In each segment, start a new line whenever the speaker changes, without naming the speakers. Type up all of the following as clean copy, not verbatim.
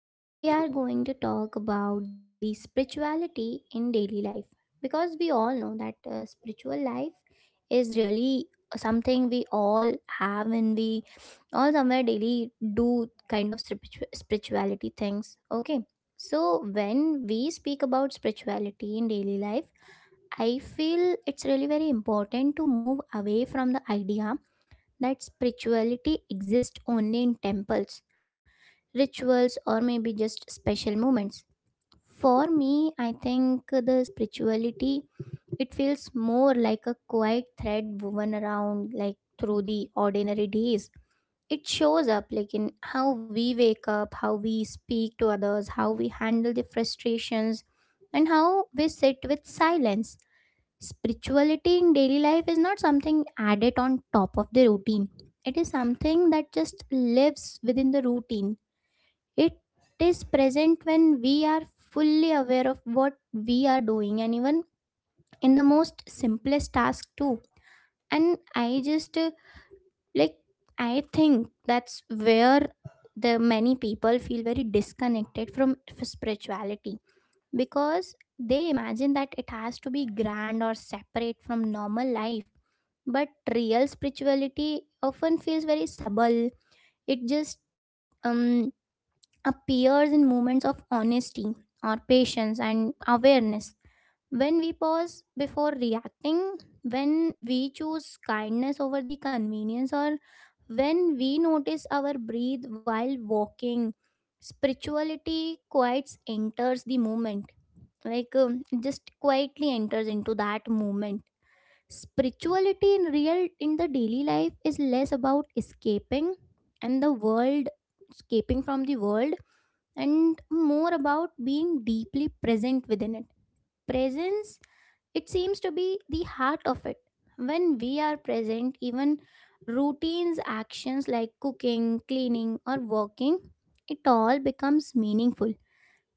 today we are going to talk about the spirituality in daily life because we all know that spiritual life is really something we all have and we all somewhere daily do kind of spirituality things. Okay. So, when we speak about spirituality in daily life, I feel it's really very important to move away from the idea that spirituality exists only in temples rituals or maybe just special moments for me I think the spirituality it feels more like a quiet thread woven around like through the ordinary days. It shows up like in how we wake up, how we speak to others, how we handle the frustrations and how we sit with silence. Spirituality in daily life is not something added on top of the routine, it is something that just lives within the routine. It is present when we are fully aware of what we are doing and even in the most simplest task too. And I just like I think that's where the many people feel very disconnected from spirituality because they imagine that it has to be grand or separate from normal life, but real spirituality often feels very subtle. It just um appears in moments of honesty or patience and awareness. When we pause before reacting, when we choose kindness over the convenience, or when we notice our breath while walking, spirituality quite enters the moment. Like just quietly enters into that moment. Spirituality in real in the daily life is less about escaping and the world, escaping from the world and more about being deeply present within it. Presence, it seems to be the heart of it. When we are present, even routines, actions like cooking, cleaning, or working, it all becomes meaningful.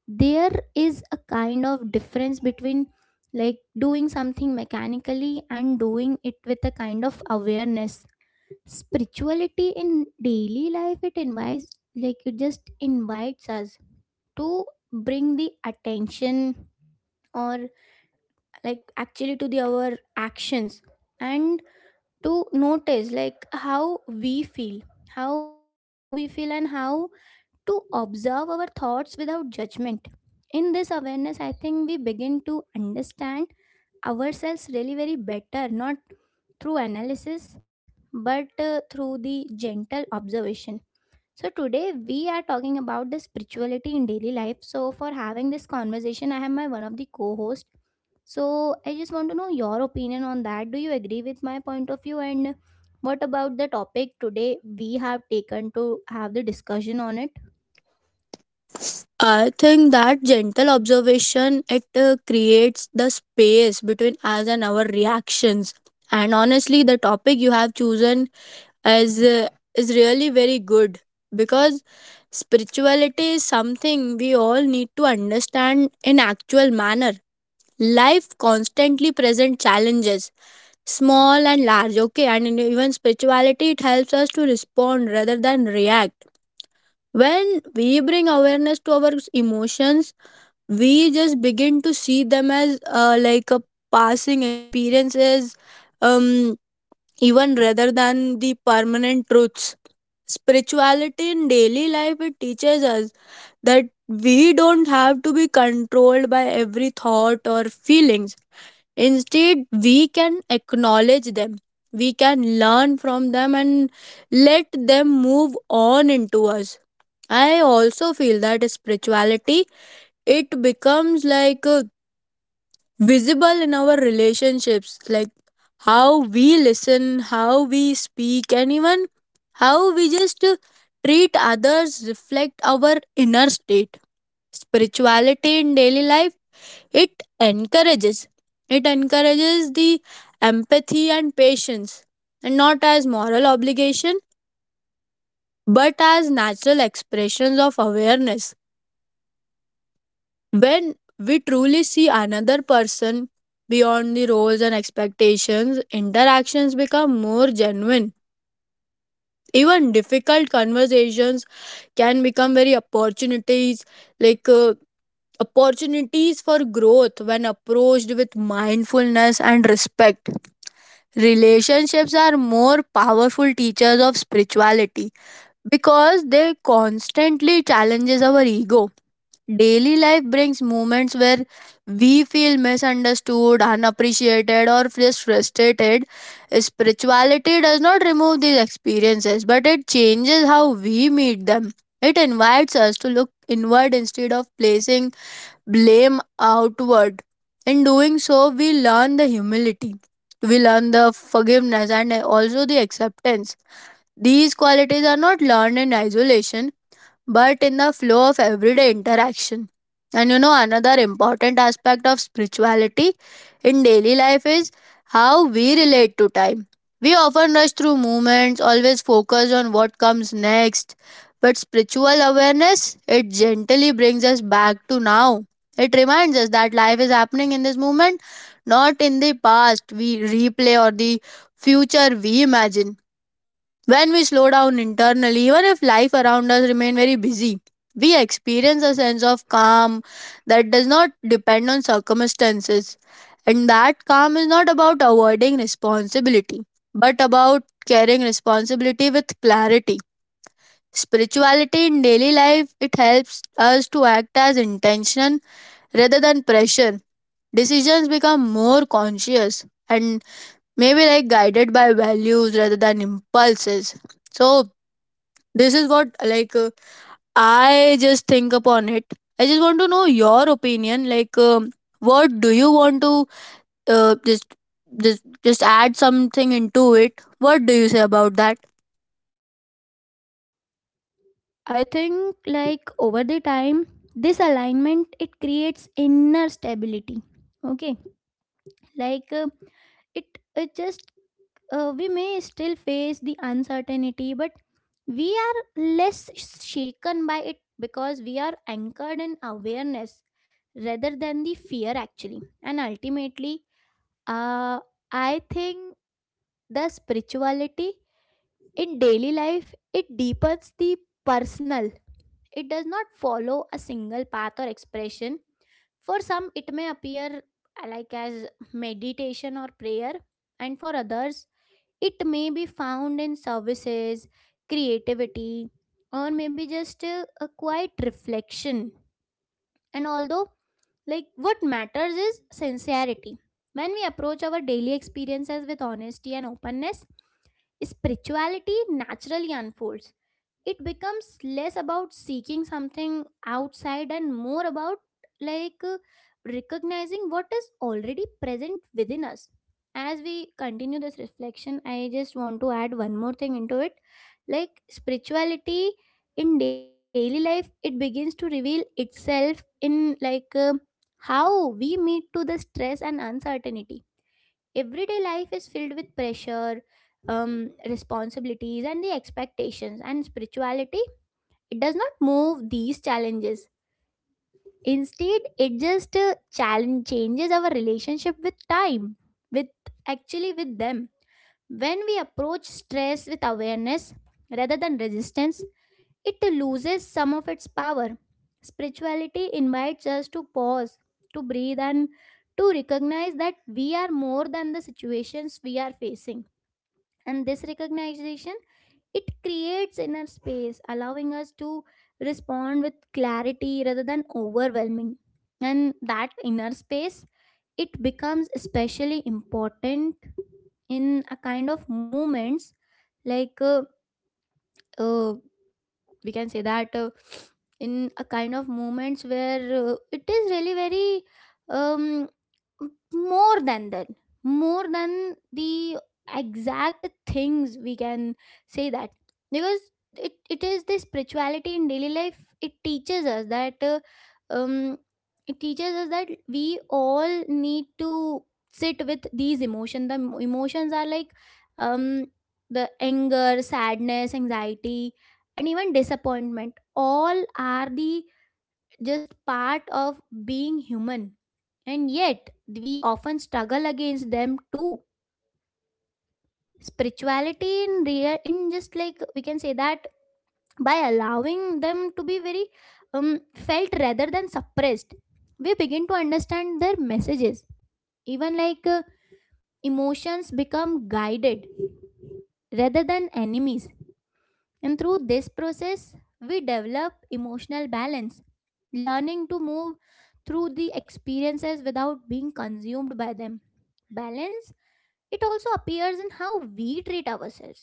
There is a kind of difference between like doing something mechanically and doing it with a kind of awareness. Spirituality in daily life, it invites, like, it just invites us to bring the attention or like actually to the our actions and to notice like how we feel, and how to observe our thoughts without judgment. In this awareness I think we begin to understand ourselves really very better, not through analysis but through the gentle observation. So, today we are talking about the spirituality in daily life. So, for having this conversation, I have my one of the co host. So, I just want to know your opinion on that. Do you agree with my point of view? And what about the topic today we have taken to have the discussion on it?
I think that gentle observation it creates the space between us and our reactions. And honestly, the topic you have chosen is uh, is really very good because spirituality is something we all need to understand in actual manner. Life constantly present challenges, small and large. Okay, and in even spirituality it helps us to respond rather than react. When we bring awareness to our emotions we just begin to see them as like a passing experiences um even rather than the permanent truths. Spirituality in daily life it teaches us that we don't have to be controlled by every thought or feelings. Instead we can acknowledge them, we can learn from them and let them move on into us. I also feel that spirituality it becomes like a visible in our relationships, like how we listen, how we speak and even how we just treat others reflect our inner state. Spirituality in daily life it encourages the empathy and patience, and not as moral obligation but as natural expressions of awareness. When we truly see another person beyond the roles and expectations, interactions become more genuine. Even difficult conversations can become very opportunities, like uh, opportunities for growth when approached with mindfulness and respect. Relationships are more powerful teachers of spirituality because they constantly challenges our ego. Daily life brings moments where we feel misunderstood, unappreciated, or just frustrated. Spirituality does not remove these experiences, but it changes how we meet them. It invites us to look inward instead of placing blame outward. In doing so, we learn the humility, we learn the forgiveness, and also the acceptance. These qualities are not learned in isolation but in the flow of everyday interaction. And you know, another important aspect of spirituality in daily life is how we relate to time. We often rush through movements, always focused on what comes next. But spiritual awareness, it gently brings us back to now. It reminds us that life is happening in this moment, not in the past we replay or the future we imagine. When we slow down internally, even if life around us remain very busy, we experience a sense of calm that does not depend on circumstances. And that calm is not about avoiding responsibility, but about carrying responsibility with clarity. Spirituality in daily life it helps us to act as intention rather than pressure. Decisions become more conscious and maybe like guided by values rather than impulses. So this is what I just think upon it. I just want to know your opinion. What do you want to just just add something into it? What do you say about that?
I think, like, over the time, this alignment it creates inner stability. Okay, like. It just we may still face the uncertainty but we are less shaken by it because we are anchored in awareness rather than the fear actually. And ultimately uh, I think the spirituality in daily life it deepens the personal. It does not follow a single path or expression. For some it may appear like as meditation or prayer, and for others it may be found in services, creativity, or maybe just a quiet reflection. And although, like, what matters is sincerity. When we approach our daily experiences with honesty and openness, spirituality naturally unfolds. It becomes less about seeking something outside and more about like recognizing what is already present within us. As we continue this reflection I just want to add one more thing into it, like spirituality in daily life it begins to reveal itself in like how we meet to the stress and uncertainty. Everyday life is filled with pressure, responsibilities and the expectations, and spirituality it does not move these challenges. Instead it just challenge changes our relationship with time, with actually with them. When we approach stress with awareness rather than resistance it loses some of its power. Spirituality invites us to pause, to breathe and to recognize that we are more than the situations we are facing. And this recognition it creates inner space, allowing us to respond with clarity rather than overwhelming. And that inner space, it becomes especially important in a kind of moments like uh, we can say that in a kind of moments where it is really very um more than that, more than the exact things we can say that. Because it is the spirituality in daily life it teaches us that um it teaches us that we all need to sit with these emotions. The emotions are like um the anger, sadness, anxiety and even disappointment, all are the just part of being human, and yet we often struggle against them too. Spirituality in real in just like we can say that by allowing them to be very felt rather than suppressed, we begin to understand their messages. Even like emotions become guided rather than enemies, and through this process we develop emotional balance, learning to move through the experiences without being consumed by them. Balance. It also appears in how we treat ourselves.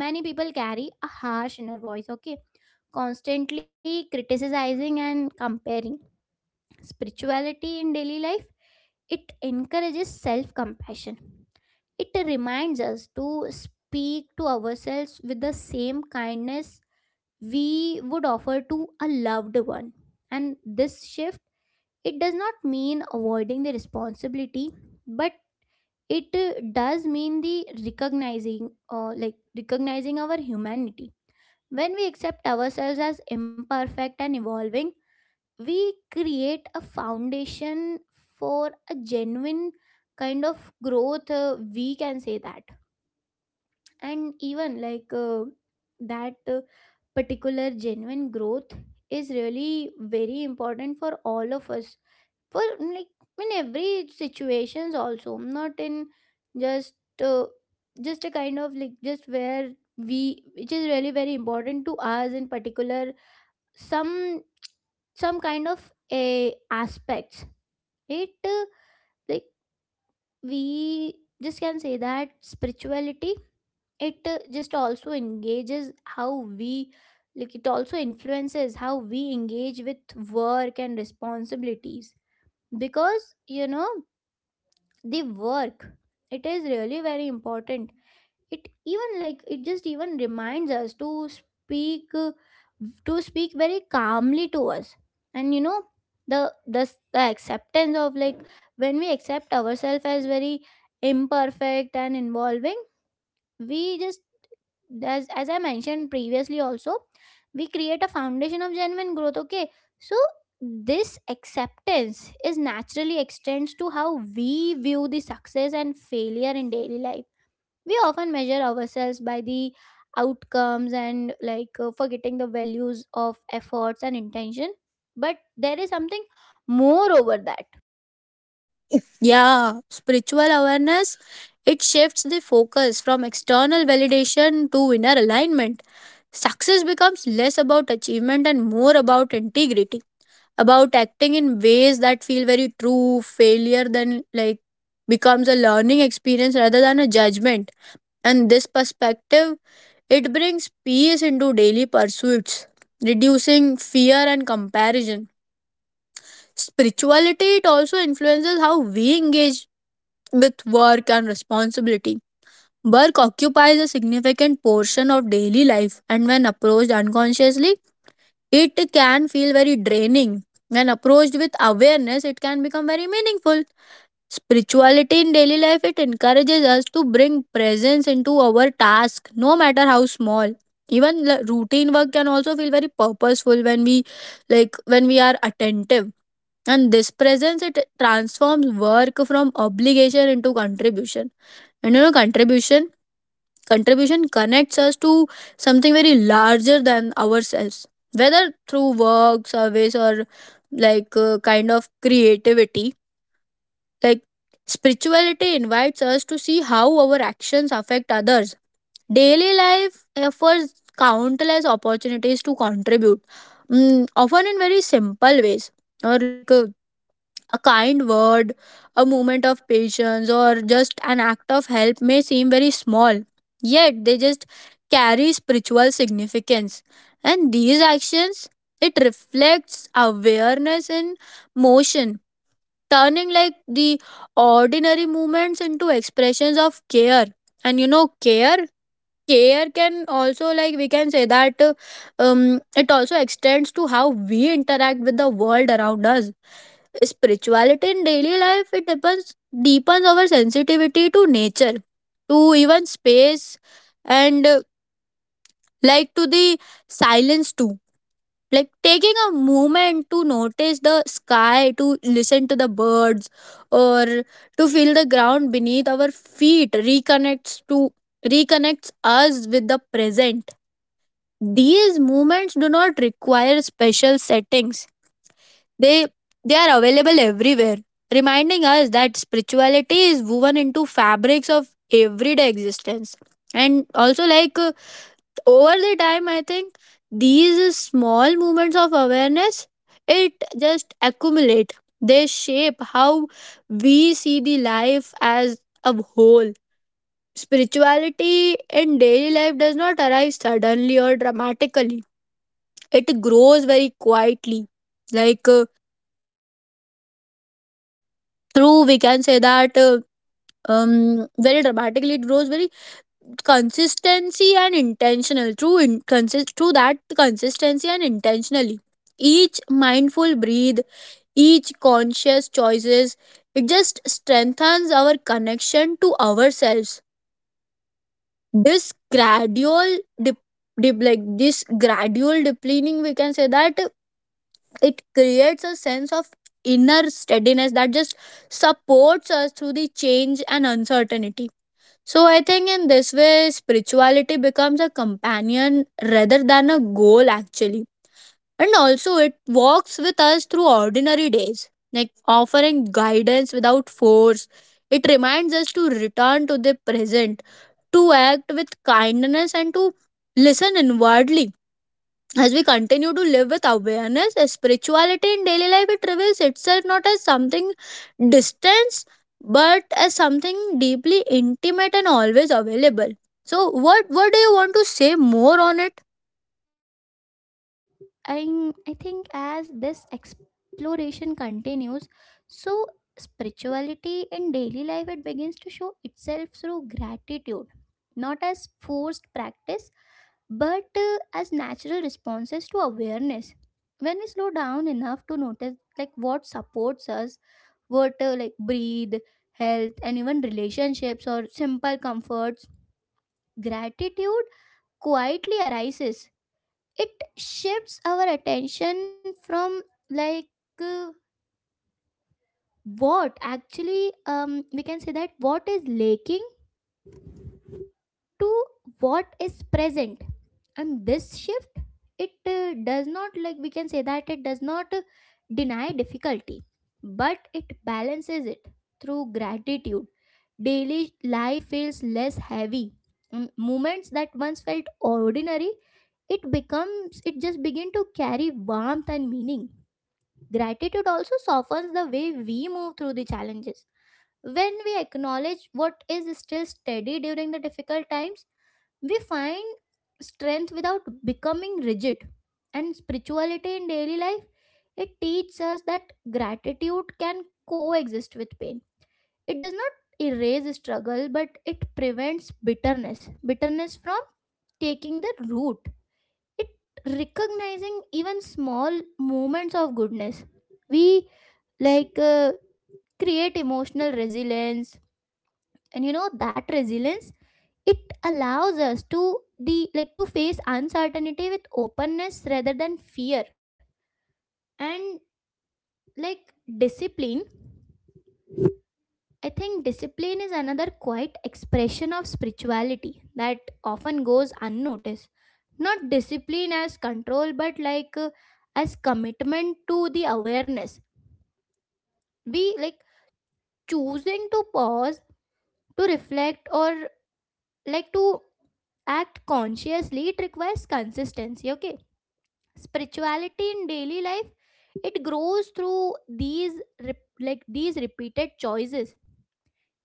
Many people carry a harsh inner voice, okay, constantly criticizing and comparing. Spirituality in daily life, it encourages self compassion. It reminds us to speak to ourselves with the same kindness we would offer to a loved one. And this shift, it does not mean avoiding the responsibility, but it does mean the recognizing or like recognizing our humanity. When we accept ourselves as imperfect and evolving we create a foundation for a genuine kind of growth we can say that. And even like that particular genuine growth is really very important for all of us, for like in every situations also, not in just uh, just a kind of like just where we which is really very important to us in particular some some kind of a aspects it like we just can say that spirituality it just also engages how we like it also influences how we engage with work and responsibilities. Because you know the work it is really very important. It even like it just even reminds us to speak very calmly to us. And you know the acceptance of like when we accept ourselves as very imperfect and involving we just, as I mentioned previously also, we create a foundation of genuine growth. Okay, so this acceptance is naturally extends to how we view the success and failure in daily life. We often measure ourselves by the outcomes and like forgetting the values of efforts and intention, but there is something more over that.
Yeah, spiritual awareness it shifts the focus from external validation to inner alignment. Success becomes less about achievement and more about integrity, about acting in ways that feel very true. Failure then like becomes a learning experience rather than a judgment. And this perspective it brings peace into daily pursuits, reducing fear and comparison. Spirituality it also influences how we engage with work and responsibility. Work occupies a significant portion of daily life, and when approached unconsciously, it can feel very draining. When approached with awareness, it can become very meaningful. Spirituality in daily life it encourages us to bring presence into our task, no matter how small. Even routine work can also feel very purposeful when we when we are attentive. And this presence it transforms work from obligation into contribution. And you know contribution contribution connects us to something very larger than ourselves, whether through work, service, or kind of creativity. Like spirituality invites us to see how our actions affect others. Daily life offers countless opportunities to contribute, mm, often in very simple ways or a kind word, a moment of patience, or just an act of help may seem very small, yet they just carry spiritual significance. And these actions, it reflects awareness in motion, turning like the ordinary movements into expressions of care. And you know, care, care can also, like, we can say that it also extends to how we interact with the world around us. Spirituality in daily life it deepens our sensitivity to nature, to even space, and like to the silence too. Like taking a moment to notice the sky, to listen to the birds, or to feel the ground beneath our feet reconnects us with the present. These moments do not require special settings, they they are available everywhere, reminding us that spirituality is woven into fabrics of everyday existence. And also, over the time, I think these small movements of awareness it just accumulate. They shape how we see the life as a whole. Spirituality in daily life does not arrive suddenly or dramatically. It grows very quietly, like. Uh, through we can say that very dramatically it grows very consistency and intentional through in, consist through that consistency and intentionally. Each mindful breathe, each conscious choices, it just strengthens our connection to ourselves. This gradual dip, this gradual depleting we can say that, it creates a sense of inner steadiness that just supports us through the change and uncertainty. So I think in this way, spirituality becomes a companion rather than a goal, actually. And also, it walks with us through ordinary days, like offering guidance without force. It reminds us to return to the present, to act with kindness, and to listen inwardly. As we continue to live with awareness, spirituality in daily life it reveals itself not as something distant, but as something deeply intimate and always available. So, what do you want to say more on it?
I think as this exploration continues, so spirituality in daily life it begins to show itself through gratitude, not as forced practice, but as natural responses to awareness. When we slow down enough to notice like what supports us, what like breathe, health, and even relationships or simple comforts, gratitude quietly arises. It shifts our attention from like uh, what actually we can say that what is lacking to what is present. And this shift it does not, like we can say that, it does not deny difficulty but it balances it. Through gratitude daily life feels less heavy. Mm, moments that once felt ordinary it becomes it just begin to carry warmth and meaning. Gratitude also softens the way we move through the challenges. When we acknowledge what is still steady during the difficult times, we find strength without becoming rigid. And spirituality in daily life, it teaches us that gratitude can coexist with pain. It does not erase struggle, but it prevents bitterness. Bitterness from taking the root. It recognizing even small moments of goodness we like create emotional resilience. And you know that resilience it allows us to the like to face uncertainty with openness rather than fear. And like discipline, I think discipline is another quiet expression of spirituality that often goes unnoticed. Not discipline as control, but like as commitment to the awareness. We like choosing to pause, to reflect, or like to act consciously, it requires consistency. Okay, spirituality in daily life it grows through these like these repeated choices.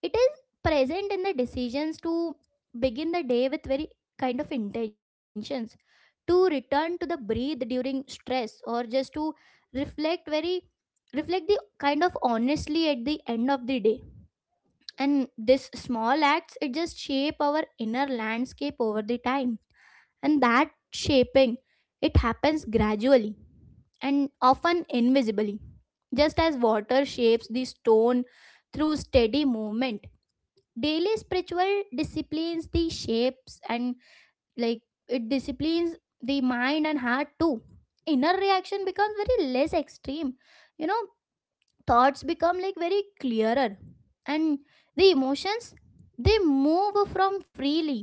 It is present in the decisions to begin the day with very kind of intentions, to return to the breathe during stress, or just to reflect very reflect the kind of honestly at the end of the day. And this small acts it just shape our inner landscape over the time. And that shaping, it happens gradually and often invisibly, just as water shapes the stone through steady movement. Daily spiritual disciplines, the shapes and, like it disciplines the mind and heart too. Inner reaction becomes very less extreme, you know thoughts become very clearer, and the emotions, they move from freely.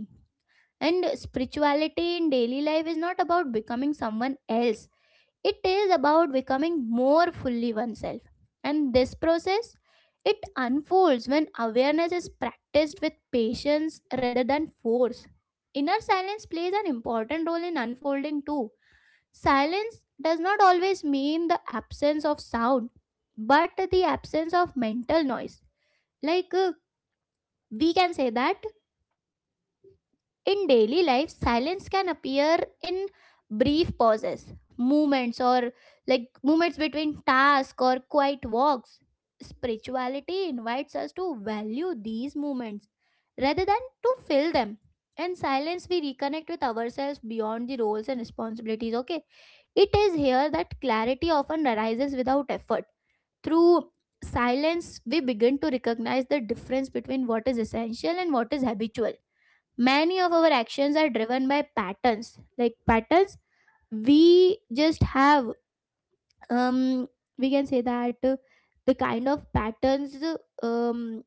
And spirituality in daily life is not about becoming someone else, it is about becoming more fully oneself. And this process, it unfolds when awareness is practiced with patience rather than force. Inner silence plays an important role in unfolding too. Silence does not always mean the absence of sound, but the absence of mental noise. Like uh, we can say that in daily life, silence can appear in brief pauses, movements, or movements between tasks or quiet walks. Spirituality invites us to value these moments rather than to fill them. In silence, we reconnect with ourselves beyond the roles and responsibilities. Okay, it is here that clarity often arises without effort. Through silence, we begin to recognize the difference between what is essential and what is habitual. Many of our actions are driven by patterns, we just have, um we can say that, the kind of patterns, um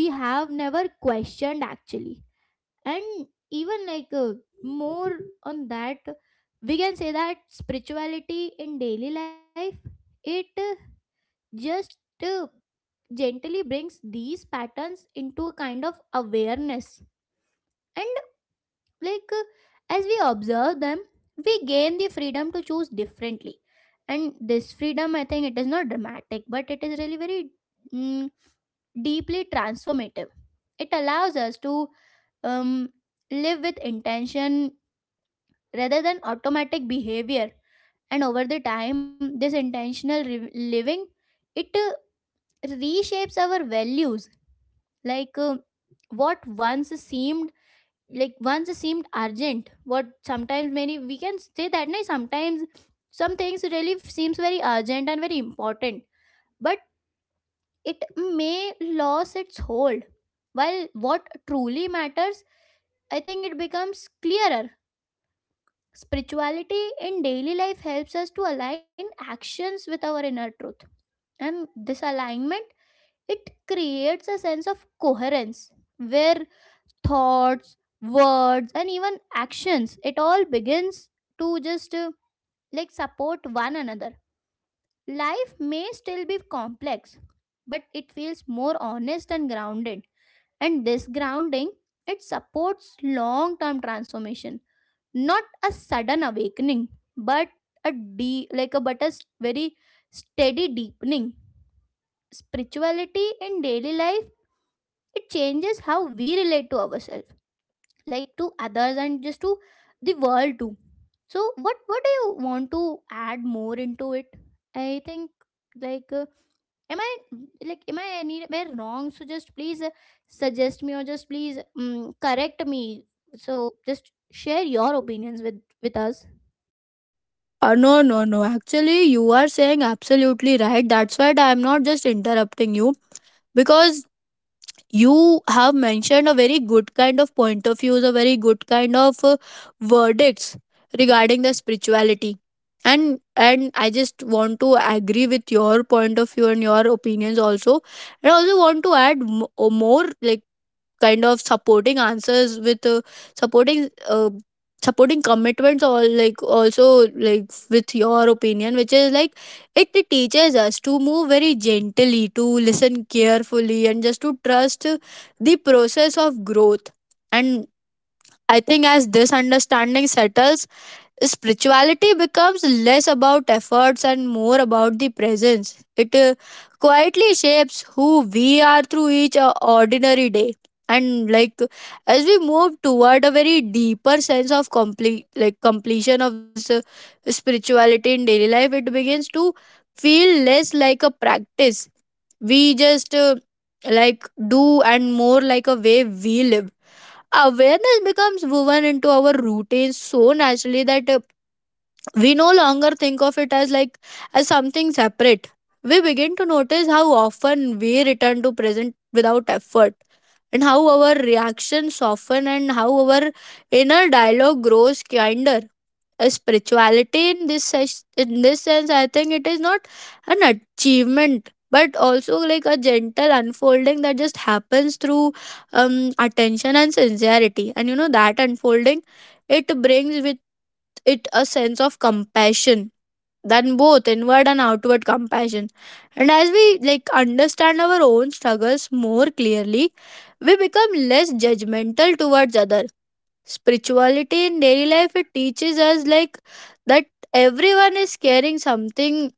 we have never questioned, actually. And even more on that, we can say that spirituality in daily life, it just uh, gently brings these patterns into a kind of awareness. And like uh, as we observe them, we gain the freedom to choose differently. And this freedom, I think it is not dramatic, but it is really very, mm, deeply transformative. It allows us to um, live with intention rather than automatic behavior. And over the time, this intentional living, it reshapes our values. Like what once seemed, like once seemed urgent what sometimes many we can say that, no, sometimes some things really seems very urgent and very important, but it may lose its hold, while what truly matters, I think it becomes clearer. Spirituality in daily life helps us to align actions with our inner truth. And this alignment, it creates a sense of coherence where thoughts, words, and even actions, it all begins to just support one another. Life may still be complex, but it feels more honest and grounded. And this grounding, it supports long term transformation, not a sudden awakening, but a deep, like a but a s- very steady deepening. Spirituality in daily life, it changes how we relate to ourselves, to others, and just to the world too. So what do you want to add more into it? I think like uh, am i am I anywhere wrong? So just please suggest me, or just please, correct me. So just share your opinions with us.
No, no, no. Actually, you are saying absolutely right. That's why I am not just interrupting you because you have mentioned a very good kind of point of views, a very good kind of verdicts regarding the spirituality. And I just want to agree with your point of view and your opinions also. And I also want to add more like kind of supporting answers with supporting supporting commitments or like also like with your opinion, which is like it teaches us to move very gently, to listen carefully and just to trust the process of growth. And I think as this understanding settles, spirituality becomes less about efforts and more about the presence. It quietly shapes who we are through each ordinary day. And like as we move toward a very deeper sense of complete like completion of this spirituality in daily life, it begins to feel less like a practice. We just like do and more like a way we live. Awareness becomes woven into our routine so naturally that we no longer think of it as as something separate. We begin to notice how often we return to present without effort, and how our reactions soften, and how our inner dialogue grows kinder. A spirituality in this in this sense, I think it is not an achievement but also like a gentle unfolding that just happens through um, attention and sincerity. And you know, that unfolding it brings with it a sense of compassion, than both inward and outward compassion. And as we like understand our own struggles more clearly, we become less judgmental towards other. Spirituality in daily life it teaches us like that everyone is carrying something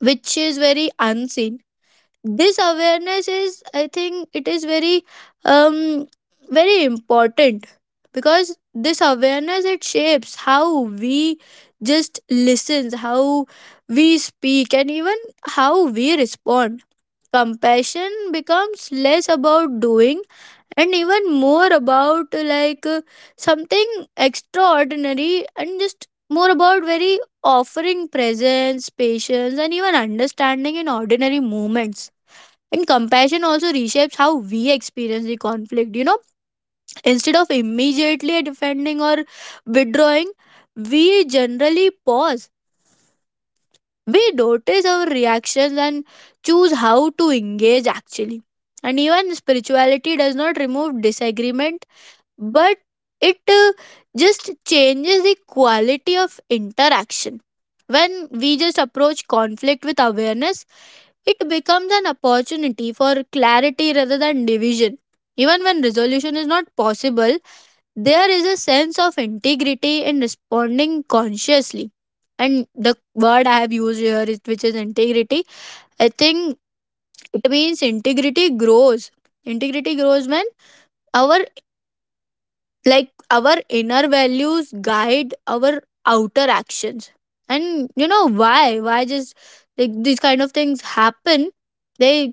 which is very unseen. This awareness is, I think it is very um very important, because this awareness it shapes how we just listens, how we speak and even how we respond. Compassion becomes less about doing and even more about something extraordinary, and just more about very offering presence, patience and even understanding in ordinary moments. And compassion also reshapes how we experience the conflict. You know, instead of immediately defending or withdrawing, we generally pause. We notice our reactions and choose how to engage actually. And even spirituality does not remove disagreement, but it just changes the quality of interaction. When we just approach conflict with awareness, it becomes an opportunity for clarity rather than division. Even when resolution is not possible, there is a sense of integrity in responding consciously. And the word I have used here, is, which is integrity, I think it means integrity grows. Integrity grows when our our inner values guide our outer actions. And you know why just like these kind of things happen, they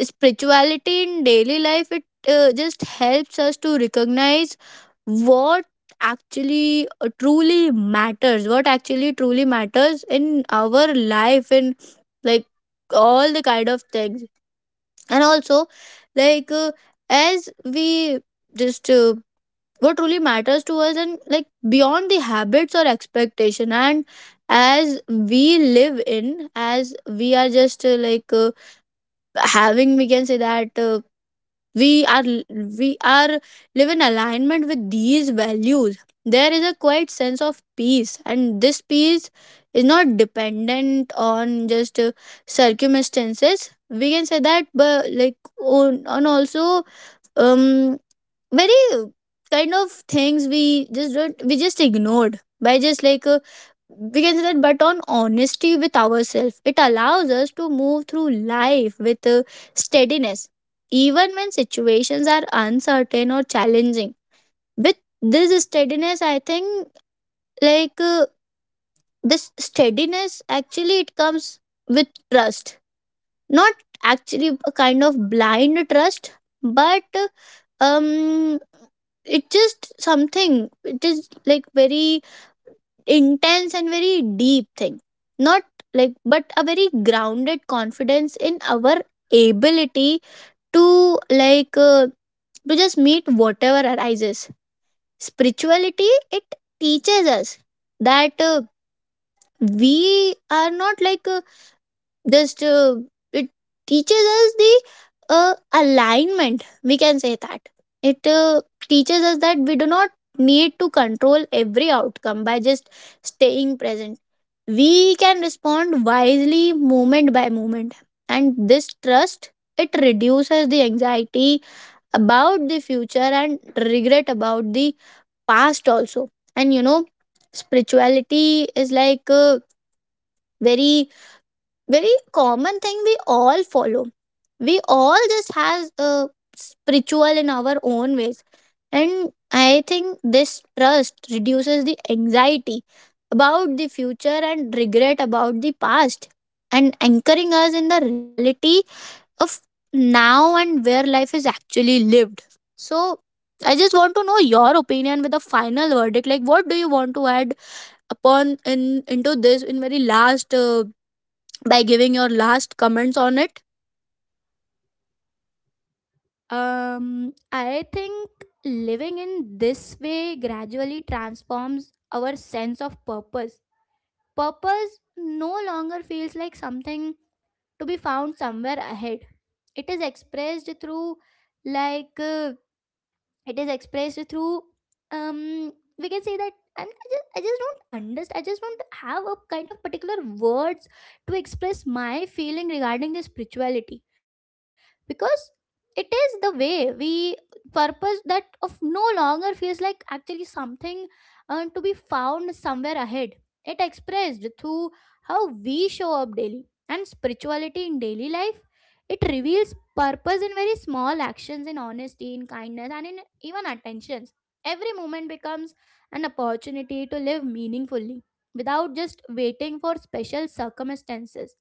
spirituality in daily life it just helps us to recognize what actually truly matters, in our life and like all the kind of things. And also like uh, as we just what truly matters to us and like beyond the habits or expectation. And as we live in, as we are just having we can say that we are we are live in alignment with these values, there is a quite sense of peace, and this peace is not dependent on just circumstances we can say that, but like on also um very kind of things we just don't, we just ignored by just we can say that, but on honesty with ourselves it allows us to move through life with steadiness, even when situations are uncertain or challenging. With this steadiness I think like uh, this steadiness actually it comes with trust, not actually a kind of blind trust, but um it's just something, it is like very intense and very deep thing, not like, but a very grounded confidence in our ability to to just meet whatever arises. Spirituality it teaches us that we are not like just it teaches us the alignment we can say that. It teaches us that we do not need to control every outcome. By just staying present, we can respond wisely moment by moment. And this trust it reduces the anxiety about the future and regret about the past also. And you know, spirituality is very common thing we all follow. We all just has a spiritual in our own ways. And I think this trust reduces the anxiety about the future and regret about the past, and anchoring us in the reality of now, and where life is actually lived. So I just want to know your opinion with a final verdict, like what do you want to add upon in into this in very last by giving your last comments on it.
I think living in this way gradually transforms our sense of purpose. Purpose no longer feels like something to be found somewhere ahead. It is expressed through, like uh, it is expressed through, we can say that. And I just don't understand, I just don't have a kind of particular words to express my feeling regarding the spirituality, because it is the way we, purpose that of no longer feels like actually something to be found somewhere ahead. It expressed through how we show up daily. And spirituality in daily life, it reveals purpose in very small actions, in honesty, in kindness, and in even attentions. Every moment becomes an opportunity to live meaningfully without just waiting for special circumstances.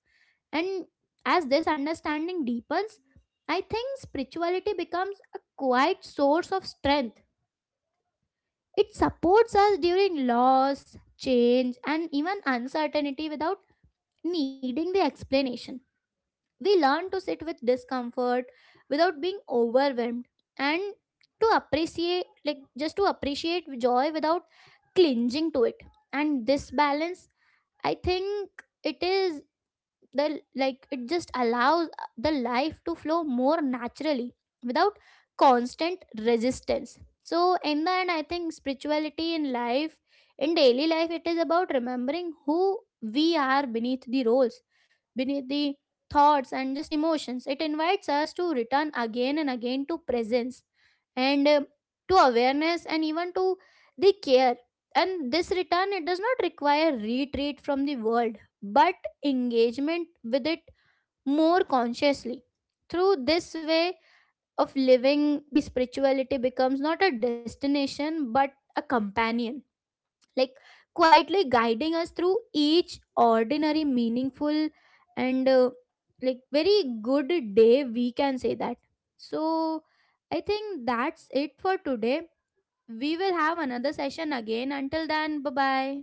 And as this understanding deepens, I think spirituality becomes a quiet source of strength. It supports us during loss, change, and even uncertainty without needing the explanation. We learn to sit with discomfort without being overwhelmed, and to appreciate, just to appreciate joy without clinging to it. And this balance, I think it is the like it just allows the life to flow more naturally without constant resistance. So in the end, I think spirituality in life in daily life, it is about remembering who we are beneath the roles, beneath the thoughts and just emotions. It invites us to return again and again to presence, and to awareness, and even to the care. And this return, it does not require retreat from the world, but engagement with it more consciously. Through this way of living, the spirituality becomes not a destination but a companion, like quietly guiding us through each ordinary, meaningful, and very good day, we can say that. So, I think that's it for today. We will have another session again. Until then, bye bye.